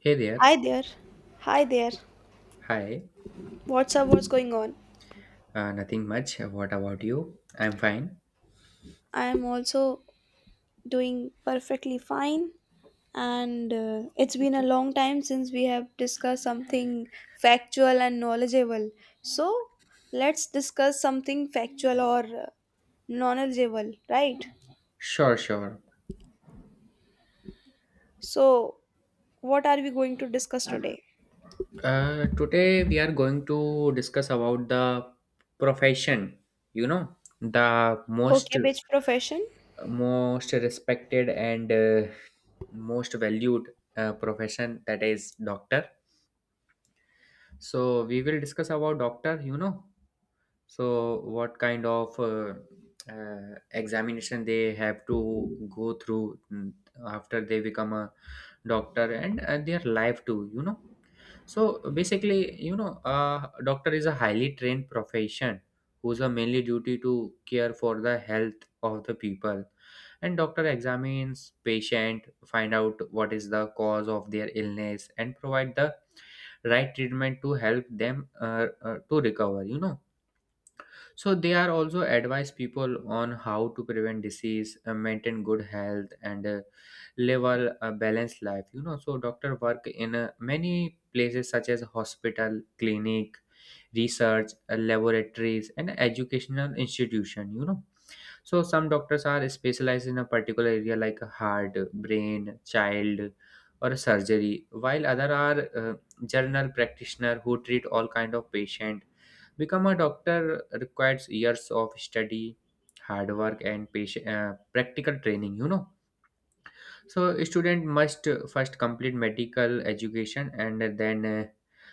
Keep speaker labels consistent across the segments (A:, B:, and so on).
A: Hey there.
B: Hi there. Hi there.
A: Hi.
B: What's up? What's going on?
A: Nothing much. What about you? I'm fine.
B: I am also doing perfectly fine. And it's been a long time since we have discussed something factual and knowledgeable. So let's discuss something factual or knowledgeable, right?
A: Sure, sure.
B: So, what are we going to discuss today?
A: Today we are going to discuss about the profession. You know, the most
B: Okay, which profession?
A: most respected and most valued profession, that is doctor. So we will discuss about doctor, you know. So, what kind of examination they have to go through after they become a doctor and their life too, you know? So, basically, you know, doctor is a highly trained profession whose a mainly duty to care for the health of the people, and doctor examines patient, find out what is the cause of their illness and provide the right treatment to help them to recover, you know. So they are also advise people on how to prevent disease, maintain good health, and live a balanced life, you know. So doctor work in many places such as hospital, clinic, research, laboratories, and educational institution, you know. So some doctors are specialized in a particular area like heart, brain, child, or surgery, while other are general practitioner who treat all kind of patient. Become a doctor requires years of study, hard work, and practical training, you know. So a student must first complete medical education and then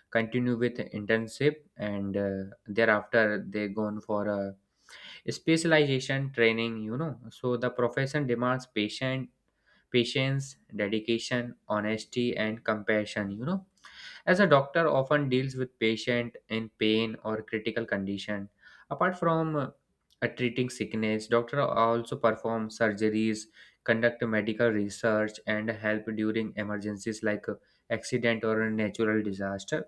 A: continue with internship, and thereafter they go on for a specialization training, you know. So the profession demands patient patience, dedication, honesty, and compassion, you know, as a doctor often deals with patient in pain or critical condition. Apart from treating sickness, doctor also perform surgeries, conduct medical research, and help during emergencies like accident or a natural disaster.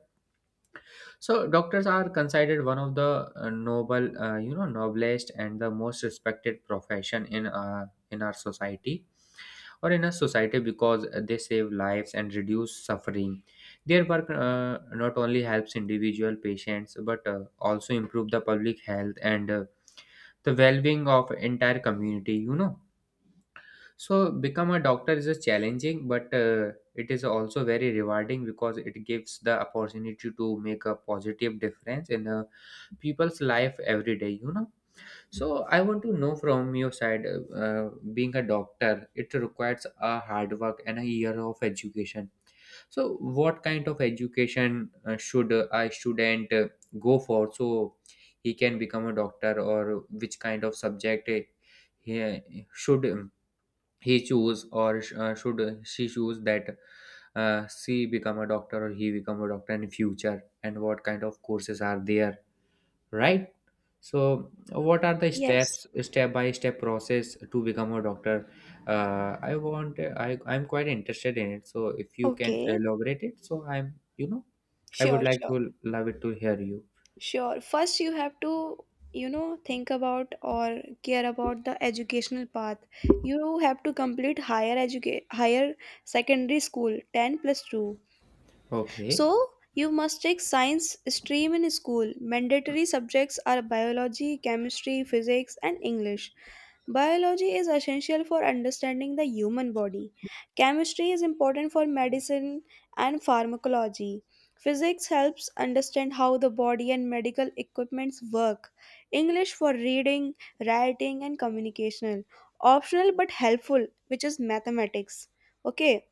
A: So doctors are considered one of the noblest and the most respected profession in our society, or in a society, because they save lives and reduce suffering. Their work, not only helps individual patients but also improve the public health and the well-being of entire community, you know. So, become a doctor is a challenging, but it is also very rewarding because it gives the opportunity to make a positive difference in people's life every day, you know. So, I want to know from your side, being a doctor, it requires a hard work and a year of education. So, what kind of education should a student go for so he can become a doctor, or which kind of subject he should? He choose or should she choose that she become a doctor or he become a doctor in future, and what kind of courses are there, right? So what are the
B: Yes.
A: step by step process to become a doctor? Uh, i want i i'm quite interested in it, so if you can
B: Okay.
A: elaborate it, so I'm, you know, I would
B: Sure,
A: like
B: sure.
A: to love it to hear you.
B: Sure. First, you have to, you know, think about or care about the educational path. You have to complete higher secondary school 10 plus 2.
A: Okay,
B: So, you must take science stream in school. Mandatory subjects are biology, chemistry, physics, and English. Biology is essential for understanding the human body. Chemistry is important for medicine and pharmacology. Physics helps understand how the body and medical equipments work. English for reading, writing and communication. Optional but helpful, which is mathematics. Okay,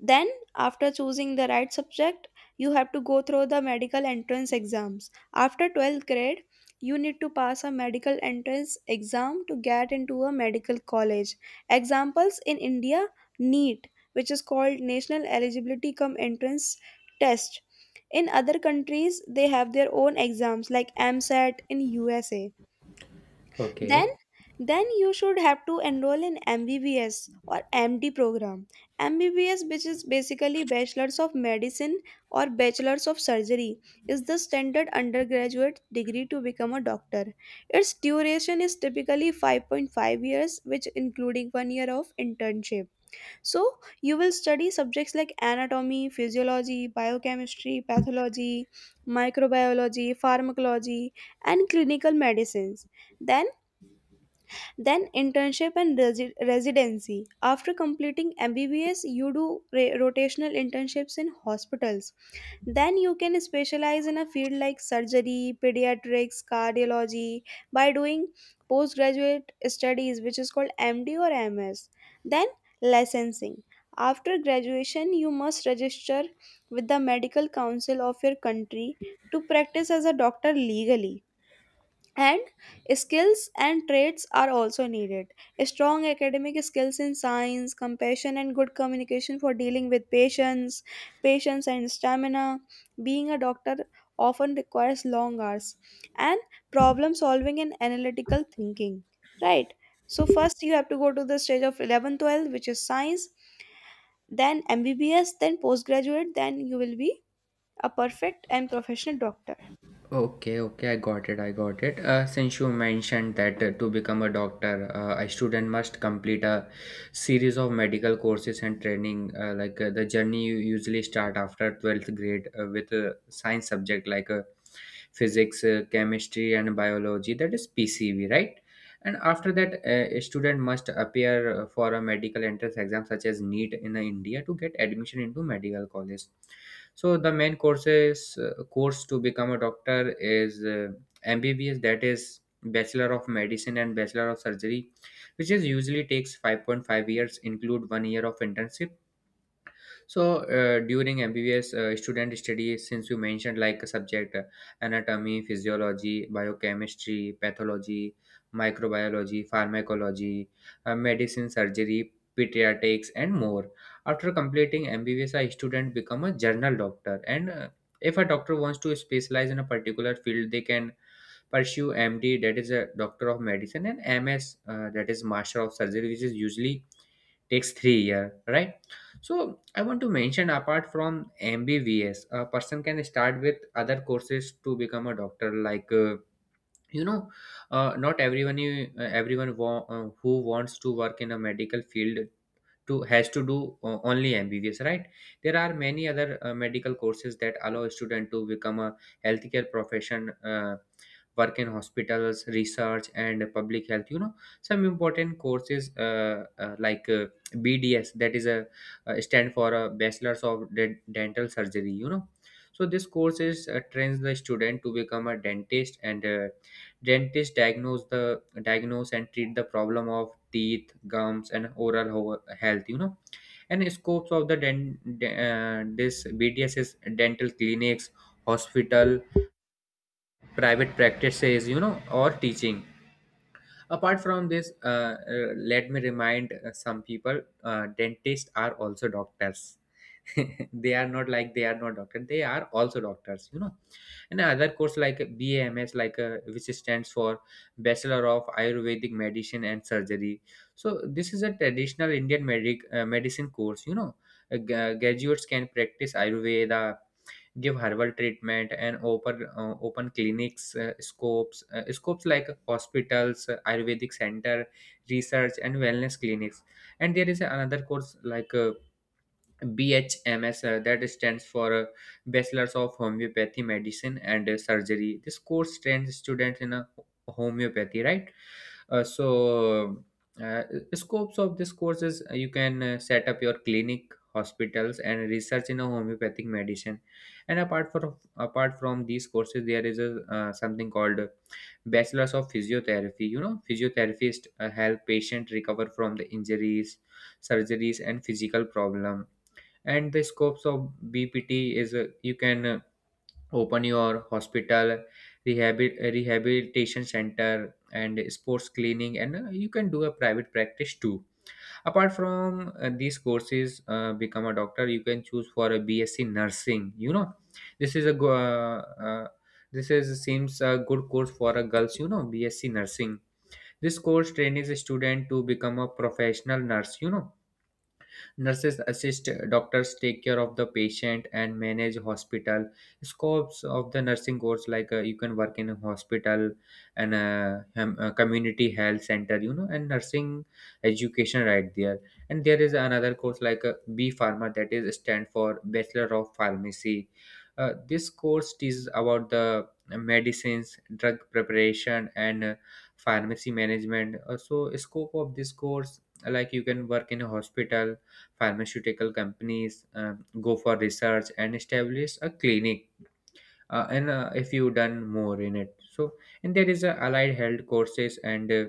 B: then, after choosing the right subject, you have to go through the medical entrance exams. After 12th grade, you need to pass a medical entrance exam to get into a medical college. Examples in India, NEET, which is called National Eligibility Cum Entrance Test. In other countries, they have their own exams like MSAT in USA. then
A: okay.
B: then you should have to enroll in MBBS or MD program. MBBS, which is basically bachelors of medicine or bachelors of surgery, is the standard undergraduate degree to become a doctor. Its duration is typically 5.5 years, which including one year of internship. So you will study subjects like anatomy, physiology, biochemistry, pathology, microbiology, pharmacology, and clinical medicines. Then then internship and residency. After completing MBBS, you do rotational internships in hospitals. Then you can specialize in a field like surgery, pediatrics, cardiology, by doing postgraduate studies, which is called MD or MS. Then licensing. After graduation, you must register with the medical council of your country to practice as a doctor legally. And skills and traits are also needed: strong academic skills in science, compassion, and good communication for dealing with patients, patience, and stamina. Being a doctor often requires long hours, and problem solving and analytical thinking, right? So first you have to go to the stage of 11 12, which is science, then MBBS, then postgraduate, then you will be a perfect and professional doctor.
A: Okay, okay, I got it. I got it. Since you mentioned that to become a doctor, a student must complete a series of medical courses and training. Like the journey you usually start after 12th grade with a science subject like physics, chemistry, and biology. That is PCB, right? And after that, a student must appear for a medical entrance exam such as NEET in India to get admission into medical college. So the main course to become a doctor is MBBS, that is Bachelor of Medicine and Bachelor of Surgery, which is usually takes 5.5 years, include one year of internship. So during MBBS student study, since you mentioned like subject anatomy, physiology, biochemistry, pathology, microbiology, pharmacology, medicine, surgery, pediatrics, and more. After completing MBBS, a student become a general doctor, and if a doctor wants to specialize in a particular field, they can pursue MD, that is a doctor of medicine, and MS, that is master of surgery, which is usually takes 3 year, right? So I want to mention apart from MBBS, a person can start with other courses to become a doctor, like, you know, not everyone who wants to work in a medical field to has to do only MBBS, right? There are many other medical courses that allow a student to become a healthcare profession, work in hospitals, research, and public health, you know. Some important courses like BDS, that is a stand for a Bachelor's of Dental Surgery, you know. So this course is trains the student to become a dentist, and dentists diagnose and treat the problem of teeth, gums, and oral health, you know. And scopes of the this BDS is dental clinics, hospital, private practices, you know, or teaching. Apart from this, let me remind some people: dentists are also doctors. They are not, doctor, they are also doctors, you know. And other course like BAMS, like which stands for Bachelor of Ayurvedic Medicine and Surgery. So this is a traditional Indian medicine course, you know. Graduates can practice ayurveda, give herbal treatment, and open clinics. Scopes like hospitals, ayurvedic center, research, and wellness clinics. And there is another course like BHMS, that stands for Bachelors of Homeopathy Medicine and Surgery. This course trains students in a homeopathy, right? So, uh, uh, scopes of this course is you can set up your clinic, hospitals, and research in a homeopathic medicine. And apart from these courses, there is a something called Bachelors of Physiotherapy. You know, physiotherapists help patient recover from the injuries, surgeries, and physical problem. And the scopes of BPT is you can open your hospital, rehabilitation center, and sports cleaning, and you can do a private practice too. Apart from these courses, become a doctor you can choose for a BSc nursing, you know. this is a go- uh, uh, this is seems a good course for a girls, you know, BSc nursing. This course trains a student to become a professional nurse, you know. Nurses assist doctors, take care of the patient, and manage hospital. Scopes of the nursing course, like you can work in a hospital and a community health center, you know, and nursing education, right there. And there is another course like B Pharma, that is stand for Bachelor of Pharmacy. This course is about the medicines, drug preparation, and pharmacy management. So, scope of this course like you can work in a hospital, pharmaceutical companies, go for research, and establish a clinic, and if you done more in it, so. And there is a allied health courses, and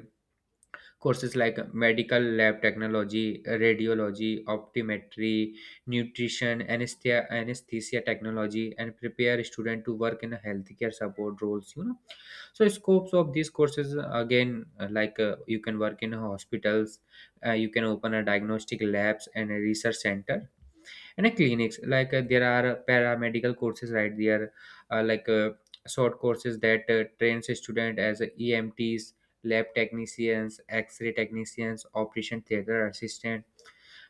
A: courses like medical lab technology, radiology, optometry, nutrition, anesthesia technology, and prepare student to work in a healthcare support roles, you know. So scopes of these courses again, like you can work in hospitals, you can open a diagnostic labs and a research center and a clinics, like there are paramedical courses, right there, like short courses that trains a student as a EMTs, lab technicians, X-ray technicians, operation theater assistant.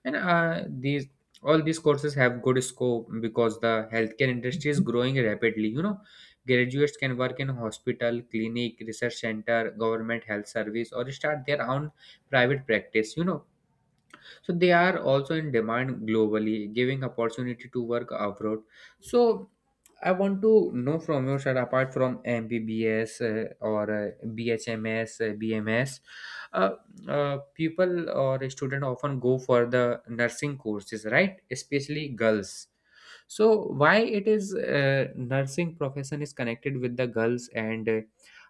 A: And these all these courses have good scope because the healthcare industry is growing rapidly, you know. Graduates can work in hospital, clinic, research center, government health service, or start their own private practice, you know. So they are also in demand globally, giving opportunity to work abroad. So I want to know from your side apart from mbbs or BHMS, BMS, uh, people or student often go for the nursing courses, right, especially girls. So why it is nursing profession is connected with the girls, and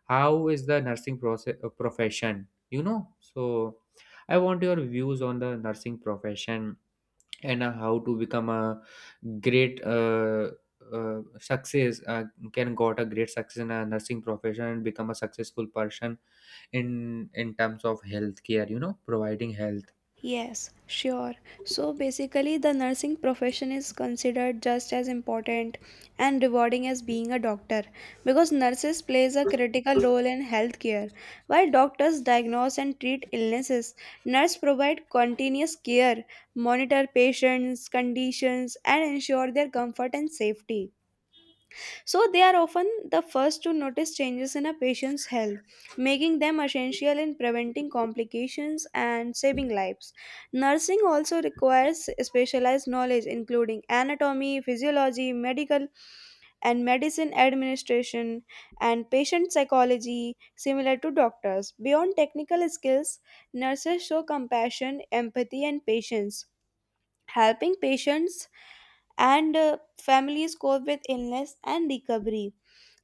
A: how is the nursing process profession, you know. So I want your views on the nursing profession and how to become a great success. Can got a great success in a nursing profession and become a successful person in terms of healthcare. You know, providing health.
B: Yes, sure. So basically, the nursing profession is considered just as important and rewarding as being a doctor, because nurses plays a critical role in healthcare. While doctors diagnose and treat illnesses, nurses provide continuous care, monitor patients' conditions, and ensure their comfort and safety. So they are often the first to notice changes in a patient's health, making them essential in preventing complications and saving lives. Nursing also requires specialized knowledge including anatomy, physiology, medical and medicine administration, and patient psychology similar to doctors. Beyond technical skills, nurses show compassion, empathy and patience, helping patients and families cope with illness and recovery.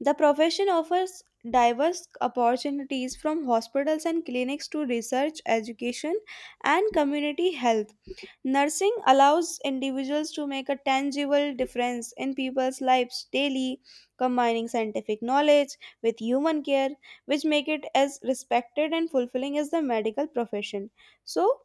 B: The profession offers diverse opportunities from hospitals and clinics to research, education, and community health. Nursing allows individuals to make a tangible difference in people's lives daily, combining scientific knowledge with human care, which make it as respected and fulfilling as the medical profession. So,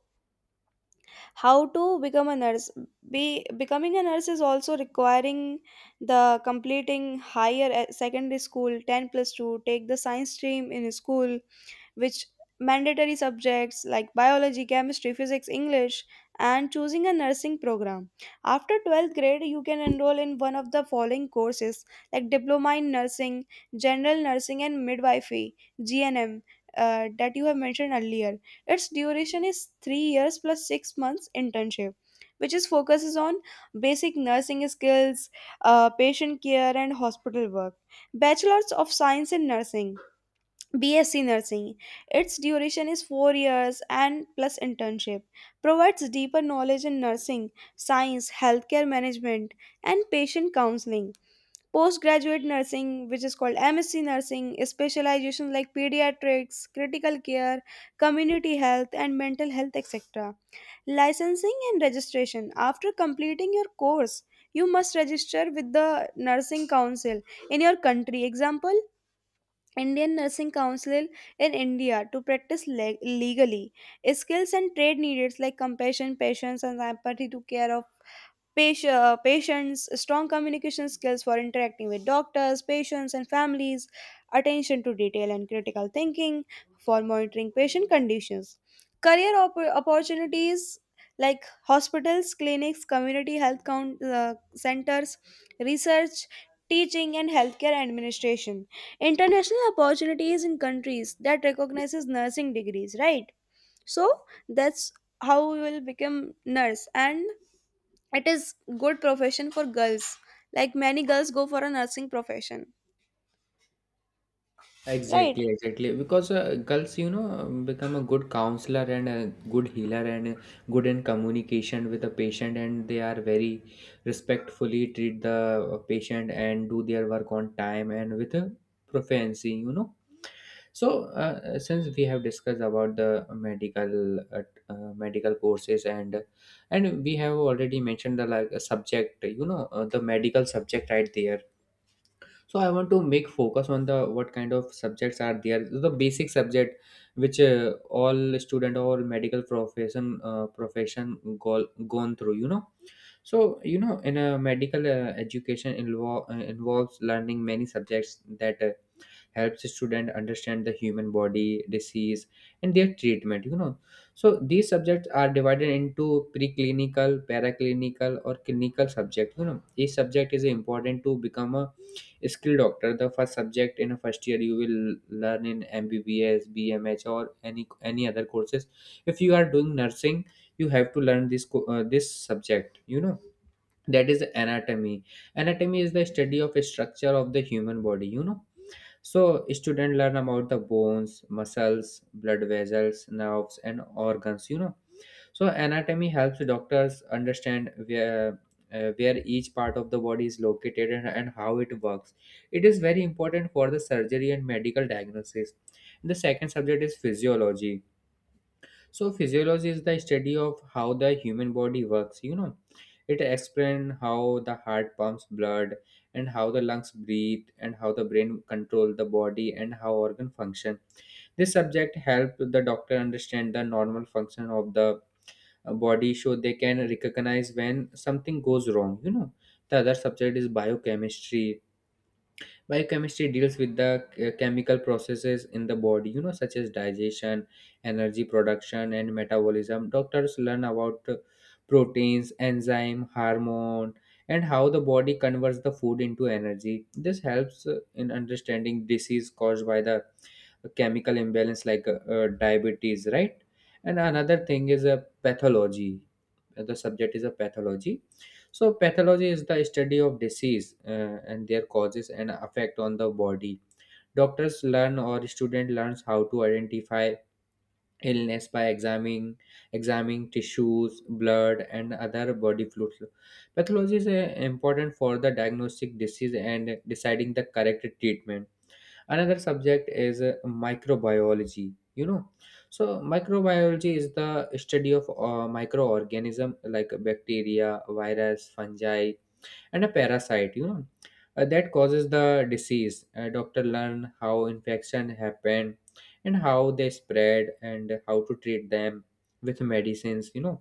B: how to become a nurse. Be Becoming a nurse is also requiring the completing secondary school 10 plus 2. Take the science stream in school, which mandatory subjects like biology, chemistry, physics, English, and choosing a nursing program. After 12th grade, you can enroll in one of the following courses like diploma in nursing, general nursing, and midwifery (GNM), that you have mentioned earlier. Its duration is 3 years plus 6 months internship, which is focuses on basic nursing skills, patient care, and hospital work. Bachelors of Science in Nursing, BSc Nursing. Its duration is 4 years and plus internship. Provides deeper knowledge in nursing, science, healthcare management, and patient counseling. Postgraduate nursing, which is called MSc nursing, is specializations like pediatrics, critical care, community health, and mental health, etc. Licensing and registration. After completing your course, you must register with the nursing council in your country. Example: Indian Nursing Council in India, to practice legally. Skills and trade needed like compassion, patience, and empathy to care. Patience, strong communication skills for interacting with doctors, patients, and families, attention to detail and critical thinking for monitoring patient conditions. Career opportunities like hospitals, clinics, community health centers, research, teaching, and healthcare administration. International opportunities in countries that recognizes nursing degrees, right? So that's how we will become nurse, and it is good profession for girls, like many girls go for a nursing profession, right?
A: Exactly, exactly. Because girls, you know, become a good counselor and a good healer, and good in communication with the patient, and they are very respectfully treat the patient and do their work on time and with a proficiency, you know. So, since we have discussed about the medical courses and we have already mentioned the like subject, the medical subject right there. So I want to make focus on the what kind of subjects are there, the basic subject which all student or medical profession gone through. So, in a medical education involves learning many subjects that helps students understand the human body disease and their treatment. So these subjects are divided into preclinical, paraclinical, or clinical subject. Each subject is important to become a skilled doctor. The first subject in a first year you will learn in MBBS, BMH, or any other courses. If you are doing nursing, you have to learn this subject, that is anatomy. Anatomy is the study of a structure of the human body. So students learn about the bones, muscles, blood vessels, nerves, and organs. So anatomy helps doctors understand where each part of the body is located, and how it works. It is very important for the surgery and medical diagnosis. The second subject is physiology. So physiology is the study of how the human body works. It explains how the heart pumps blood, and how the lungs breathe, and how the brain control the body, and how organ function. This subject help the doctor understand the normal function of the body, so they can recognize when something goes wrong. The other subject is biochemistry. Biochemistry deals with the chemical processes in the body, such as digestion, energy production, and metabolism. Doctors learn about proteins, enzyme, hormone, and how the body converts the food into energy. This helps in understanding disease caused by the chemical imbalance like diabetes, right? And another thing is a pathology. The subject is a pathology. So, pathology is the study of disease and their causes and effect on the body. Doctors learn or student learns how to identify illness by examining tissues, blood, and other body fluids. Pathology is important for the diagnostic disease and deciding the correct treatment. Another subject is microbiology. So microbiology is the study of microorganism like bacteria, virus, fungi, and a parasite that causes the disease. Doctor learn how infection happen, and how they spread, and how to treat them with medicines.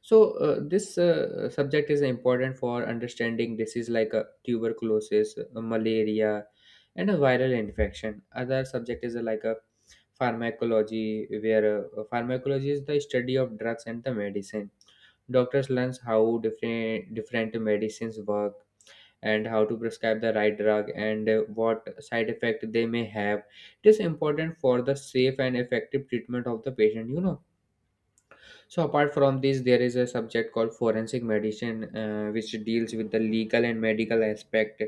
A: So, this subject is important for understanding disease like tuberculosis, malaria, and a viral infection. Other subject is like a pharmacology, where pharmacology is the study of drugs and the medicine. Doctors learns how different different medicines work, and how to prescribe the right drug, and what side effect they may have. It is important for the safe and effective treatment of the patient. So apart from this, there is a subject called forensic medicine, which deals with the legal and medical aspect.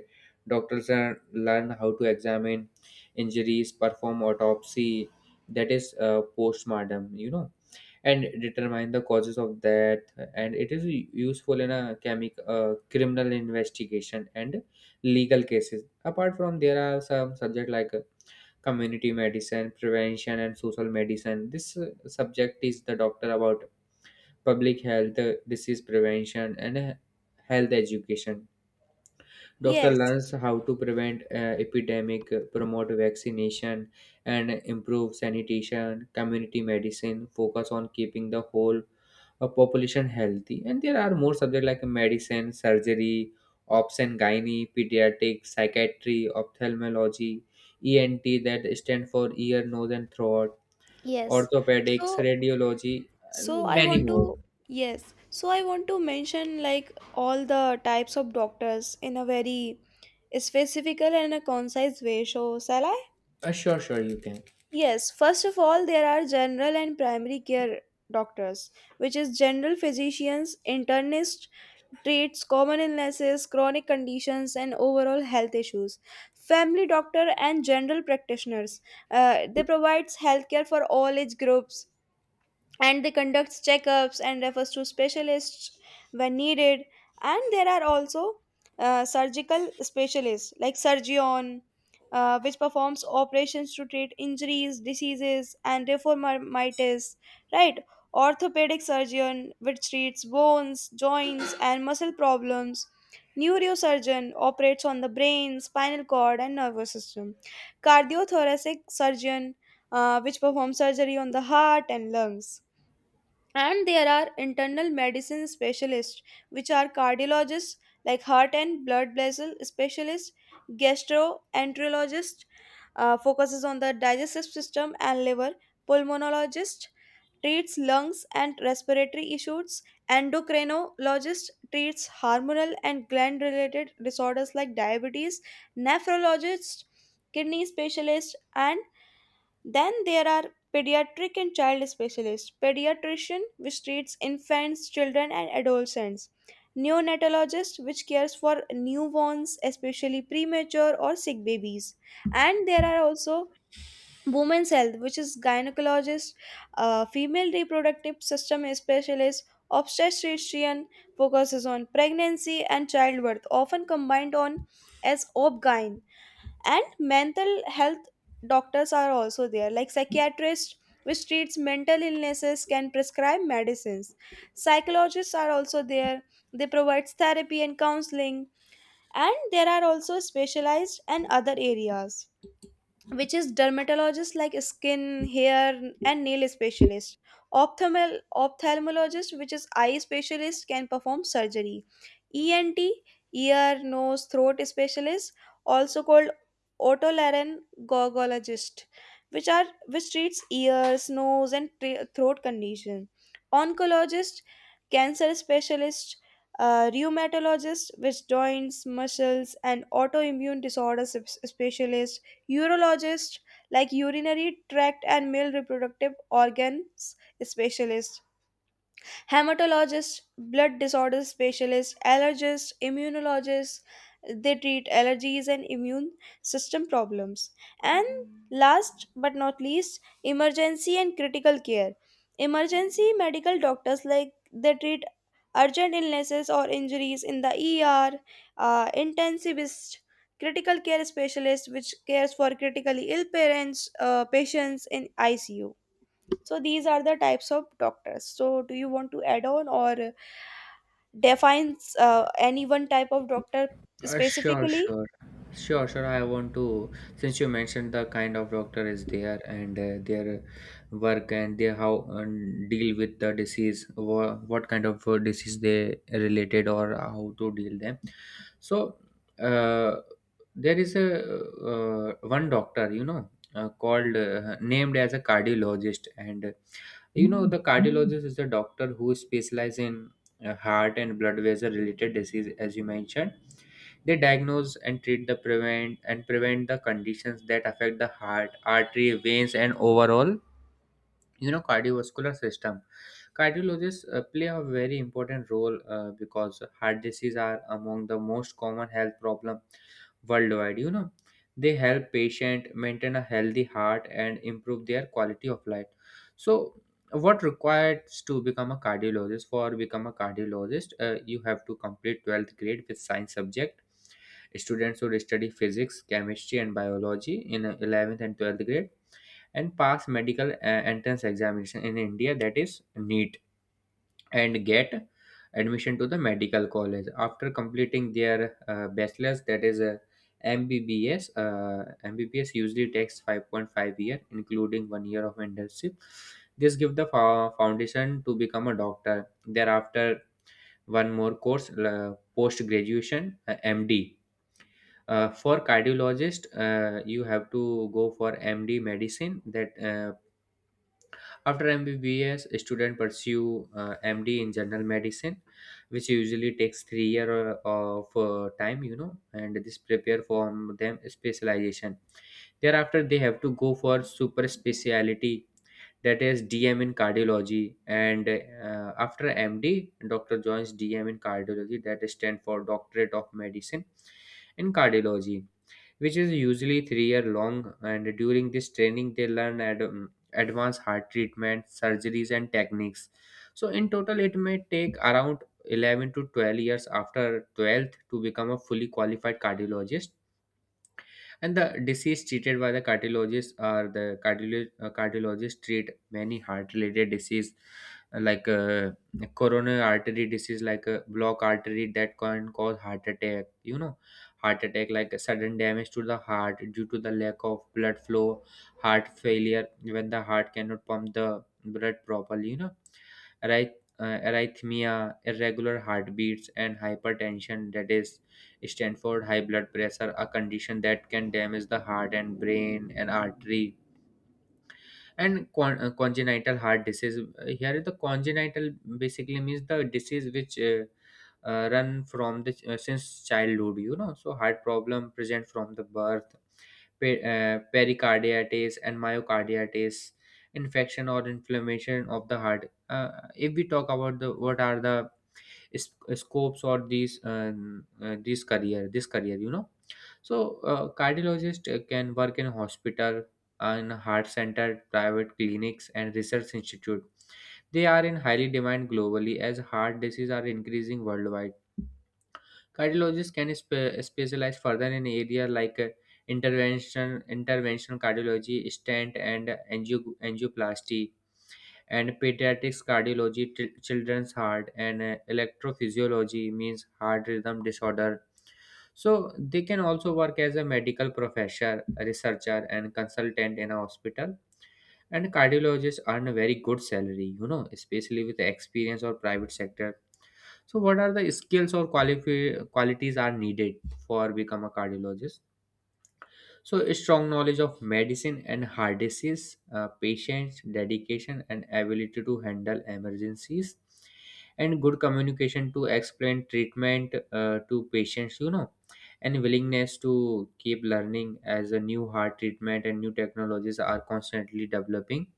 A: Doctors learn how to examine injuries, perform autopsy, that is postmortem, and determine the causes of that. And it is useful in a chemic criminal investigation and legal cases. Apart from, there are some subject like community medicine, prevention and social medicine. This subject is the doctor about public health, disease prevention, and health education. Doctor
B: Yes,
A: learns how to prevent epidemic, promote vaccination, and improve sanitation. Community medicine focus on keeping the whole a population healthy. And there are more subjects like medicine, surgery, ops and gynae, pediatric, psychiatry, ophthalmology, ENT, that stand for ear, nose, and throat,
B: yes.
A: orthopedics,
B: so
A: radiology,
B: so
A: and
B: i
A: many
B: want to
A: more.
B: yes, so I want to mention like all the types of doctors in a very specific and a concise way. So shall I?
A: Sure, sure, you can.
B: Yes, first of all, there are general and primary care doctors, which is general physicians, internists, treats common illnesses, chronic conditions, and overall health issues. Family doctor and general practitioners, they provides healthcare for all age groups, and they conduct checkups and refers to specialists when needed. And there are also surgical specialists like surgeon, which performs operations to treat injuries, diseases, and deformities, right? Orthopedic surgeon, which treats bones, joints, and muscle problems. Neurosurgeon operates on the brain, spinal cord, and nervous system. Cardiothoracic surgeon, which performs surgery on the heart and lungs. And there are internal medicine specialists, which are cardiologists, like heart and blood vessel specialists. Gastroenterologist, focuses on the digestive system and liver. Pulmonologist treats lungs and respiratory issues. Endocrinologist treats hormonal and gland related disorders like diabetes. Nephrologist, kidney specialist. And then there are pediatric and child specialists. Pediatrician, which treats infants, children, and adolescents. Neonatologist, which cares for newborns, especially premature or sick babies. And there are also women's health, which is gynecologist, female reproductive system specialist. Obstetrician focuses on pregnancy and childbirth, often combined on as OBGYN. And mental health doctors are also there, like psychiatrists, which treats mental illnesses, can prescribe medicines. Psychologists are also there, they provide therapy and counseling. And there are also specialized and other areas, which is dermatologist, like skin, hair, and nail specialist. Ophthalmologist, which is eye specialist, can perform surgery. ENT, ear nose throat specialist, also called otolaryngologist, which are which treats ears, nose, and throat condition. Oncologist, cancer specialist. Rheumatologist, which joints, muscles, and autoimmune disorders specialist. Urologists, like urinary tract and male reproductive organs specialists. Hematologist, blood disorder specialist. Allergist, immunologist, they treat allergies and immune system problems. And last but not least, emergency and critical care. Emergency medical doctors, like they treat urgent illnesses or injuries in the ER. Intensivist, critical care specialist, which cares for critically ill parents, patients in ICU. So these are the types of doctors. So do you want to add on or define any one type of doctor
A: Sure,
B: specifically?
A: sure, sure, sure. I want to, since you mentioned the kind of doctor is there and their work and their how and deal with the disease, what kind of disease they related or how to deal them. So, uh, there is a one doctor, called named as a cardiologist, and the cardiologist is a doctor who specializes in heart and blood vessel related disease, as you mentioned. They diagnose and treat the prevent and prevent the conditions that affect the heart, artery, veins, and overall, cardiovascular system. Cardiologists play a very important role, because heart disease are among the most common health problem worldwide. They help patient maintain a healthy heart and improve their quality of life. So what requires to become a cardiologist? For become a cardiologist, you have to complete 12th grade with science subject. Students should study physics, chemistry, and biology in 11th and 12th grade, and pass medical entrance examination in India, that is NEET. And get admission to the medical college after completing their bachelor's, that is a MBBS. MBBS usually takes 5.5 year, including 1 year of internship. This give the foundation to become a doctor. Thereafter, one more course, post graduation, MD. For cardiologist, you have to go for MD medicine, that after MBBS, students pursue MD in general medicine, which usually takes 3 year of time, and this prepare for them specialization. Thereafter, they have to go for super speciality, that is DM in cardiology, and after MD, doctor joins DM in cardiology, that stand for Doctorate of Medicine in Cardiology, which is usually 3 year long. And during this training, they learn advanced heart treatment, surgeries, and techniques. So in total, it may take around 11 to 12 years after 12th to become a fully qualified cardiologist. And the disease treated by the cardiologist or the cardiologist treat many heart related disease, like coronary artery disease, like a block artery that can cause heart attack. Heart attack, like a sudden damage to the heart due to the lack of blood flow. Heart failure, when the heart cannot pump the blood properly. Arrhythmia, irregular heartbeats. And hypertension, that is Stanford high blood pressure, a condition that can damage the heart and brain and artery. And congenital heart disease. Here, is the congenital basically means the disease which run from the since childhood. So heart problem present from the birth. Pericarditis and myocarditis, infection or inflammation of the heart. If we talk about the what are the scopes or these this career. So, cardiologist can work in hospital, in heart center, private clinics, and research institute. They are in highly demand globally as heart disease are increasing worldwide. Cardiologists can specialize further in area like interventional cardiology, stent, and angioplasty, and pediatrics cardiology, children's heart, and electrophysiology means heart rhythm disorder. So they can also work as a medical professor, researcher, and consultant in a hospital. And cardiologists earn a very good salary, especially with the experience or private sector. So what are the skills or qualities are needed for become a cardiologist? So, a strong knowledge of medicine and enhances patients' dedication and ability to handle emergencies, and good communication to explain treatment to patients, and willingness to keep learning as a new heart treatment and new technologies are constantly developing.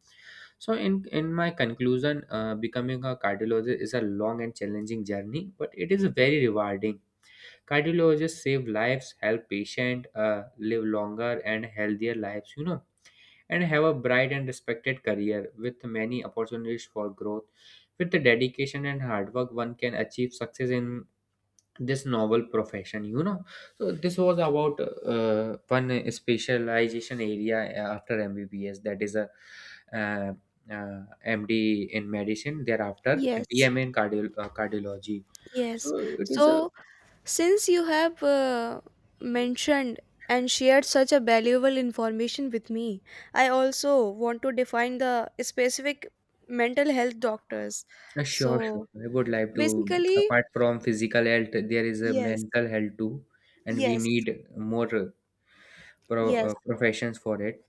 A: So, in my conclusion, becoming a cardiologist is a long and challenging journey, but it is very rewarding. Cardiologists save lives, help patients live longer and healthier lives, and have a bright and respected career with many opportunities for growth. With the dedication and hard work, one can achieve success in this novel profession. So this was about one specialization area after MBBS, that is a uh, MD in medicine, thereafter
B: Yes,
A: DMA in cardiology.
B: yes.
A: So it is a.
B: So, since you have mentioned and shared such a valuable information with me, I also want to define the specific mental health doctors.
A: Sure,
B: So,
A: sure. I would like to,
B: basically,
A: apart from physical health, there is a
B: yes,
A: mental health too, and we
B: yes,
A: need more
B: yes.
A: professions for it.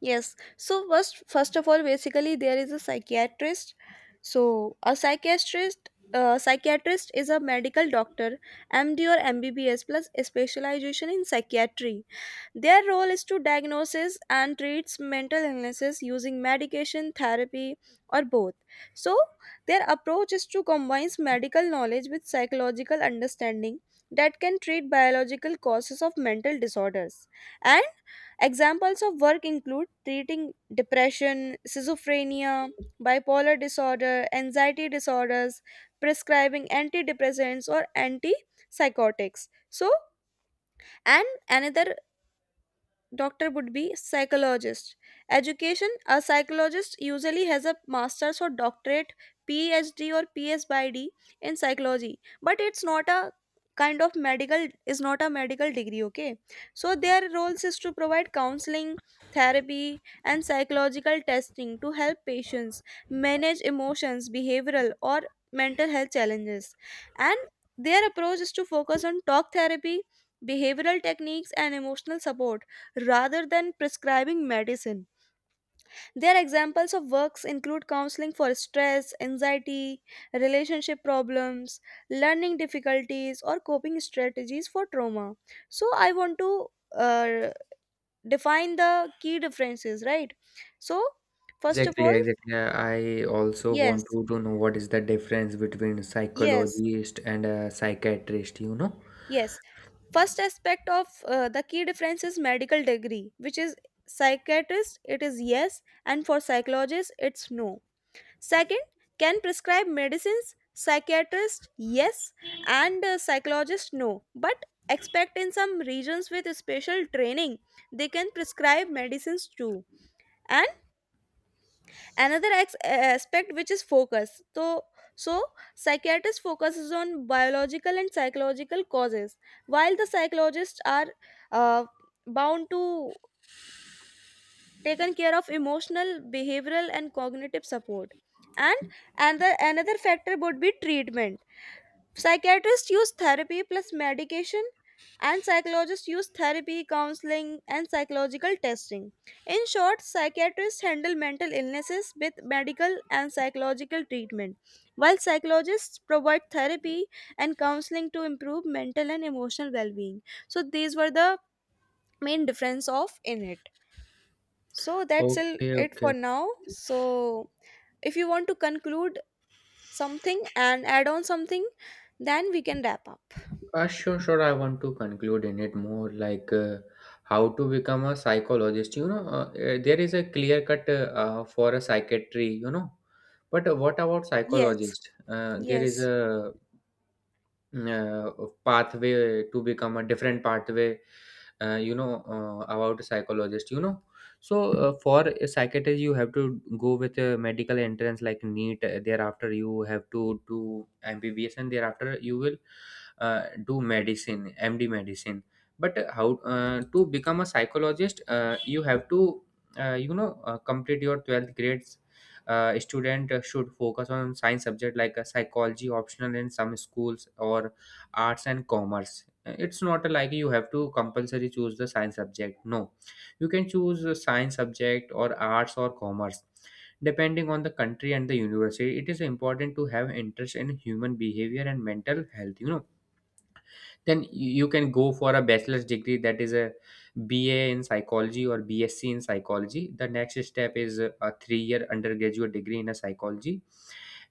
B: Yes. So first, first of all, basically there is a psychiatrist. So a psychiatrist is a medical doctor, MD or MBBS plus a specialization in psychiatry. Their role is to diagnose and treat mental illnesses using medication, therapy, or both. So, their approach is to combine medical knowledge with psychological understanding that can treat biological causes of mental disorders. And examples of work include treating depression, schizophrenia, bipolar disorder, anxiety disorders, prescribing antidepressants or antipsychotics. So, and another doctor would be psychologist. Education: a psychologist usually has a master's or doctorate, phd or Ph.D. in psychology, but it's not a kind of medical, is not a medical degree, okay? So their roles is to provide counseling, therapy, and psychological testing to help patients manage emotions, behavioral or mental health challenges. And their approach is to focus on talk therapy, behavioral techniques, and emotional support rather than prescribing medicine. Their examples of works include counseling for stress, anxiety, relationship problems, learning difficulties, or coping strategies for trauma. So, I want to uh, define the key differences, right? So, first of
A: Exactly,
B: all,
A: exactly. I also want
B: yes,
A: to know what is the difference between
B: yes,
A: psychologist and a psychiatrist, you know?
B: yes. First aspect of the key difference is medical degree, which is psychiatrist, it is yes, and for psychologist, it's no. Second, can prescribe medicines, psychiatrist yes, and psychologist no, but expect in some regions with special training they can prescribe medicines too. And another aspect, which is focus. So psychiatrist focuses on biological and psychological causes, while the psychologists are uh, bound to taken care of emotional, behavioral, and cognitive support. And another factor would be treatment. Psychiatrists use therapy plus medication, and psychologists use therapy, counseling, and psychological testing. In short, psychiatrists handle mental illnesses with medical and psychological treatment, while psychologists provide therapy and counseling to improve mental and emotional well-being. So these were the main difference of in it. So that's all
A: Okay,
B: it
A: okay.
B: for now. So if you want to conclude something and add on something, then we can wrap up.
A: Sure, sure. I want to conclude in it more like how to become a psychologist. There is a clear cut for a psychiatry. But what about
B: Yes,
A: psychologist? There is
B: yes,
A: a pathway to become a different pathway, about a psychologist. So, for a psychiatrist, you have to go with a medical entrance like NEET. Thereafter, you have to do MBBS, and thereafter you will do medicine MD medicine. But how to become a psychologist, you have to complete your 12th grades. Student should focus on science subject like psychology optional in some schools or arts and commerce. It's not like you have to compulsory choose the science subject. No, you can choose a science subject or arts or commerce, depending on the country and the university. It is important to have interest in human behavior and mental health. Then you can go for a bachelor's degree, that is a BA in psychology or BSc in psychology. The next step is a 3 year undergraduate degree in a psychology,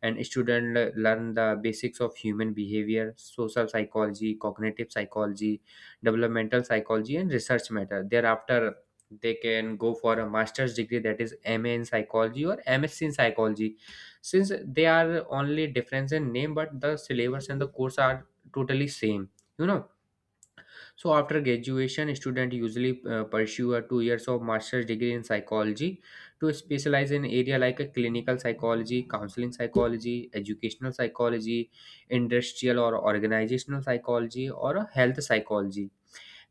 A: and students learn the basics of human behavior, social psychology, cognitive psychology, developmental psychology, and research matter. Thereafter, they can go for a master's degree, that is MA in psychology or MSc in psychology, since they are only difference in name, but the syllabus and the course are totally same you know so after graduation, student usually pursue a 2 years of master's degree in psychology to specialize in area like a clinical psychology, counseling psychology, educational psychology, industrial or organizational psychology, or a health psychology.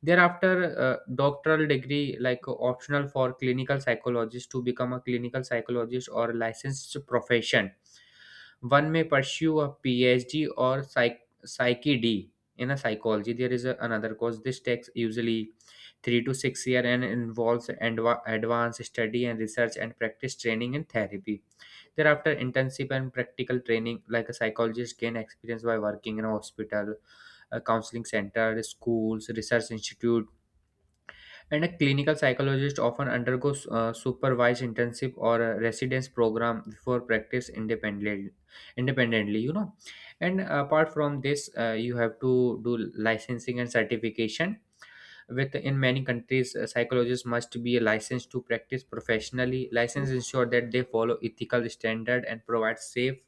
A: Thereafter, doctoral degree like optional for clinical psychologist. To become a clinical psychologist or licensed profession, one may pursue a PhD or Psyche D in a psychology. There is a, another course. This takes usually 3 to 6 year and involves advanced study and research and practice training and therapy. Thereafter, intensive and practical training, like a psychologist, gain experience by working in a hospital, a counseling center, schools, research institute, and a clinical psychologist often undergoes supervised intensive or a residence program before practice independently. And apart from this, you have to do licensing and certification. With in many countries, psychologists must be licensed to practice professionally. License ensure that they follow ethical standard and provide safe,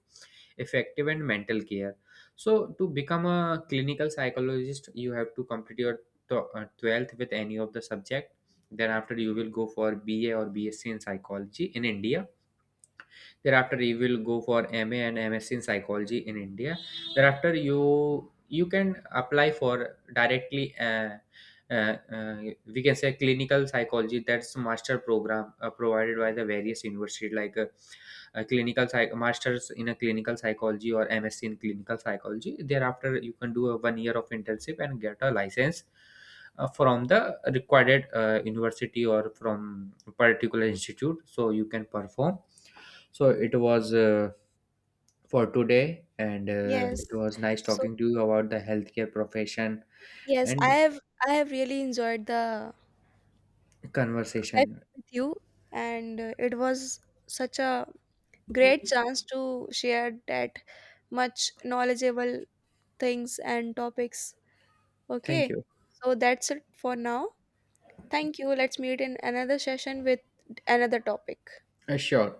A: effective, and mental care. So to become a clinical psychologist, you have to complete your 12th with any of the subject. Then after, you will go for BA or BSc in psychology in india. Thereafter, you will go for MA and MSc in psychology in india. Thereafter, you can apply for directly, uh, uh, we can say clinical psychology, that's master program provided by the various universities like a masters in a clinical psychology or MSc in clinical psychology. Thereafter, you can do a 1 year of internship and get a license from the required university or from a particular institute, so you can perform. So it was, for today, and
B: yes.
A: it was nice
B: So
A: talking to you about the healthcare profession
B: yes,
A: and
B: I have really enjoyed the session
A: conversation.
B: with you, and it was such a great chance to share that much knowledgeable things and topics.
A: Thank
B: Okay,
A: you.
B: so that's it for now. Thank you. Let's meet in another session with another topic.
A: Sure.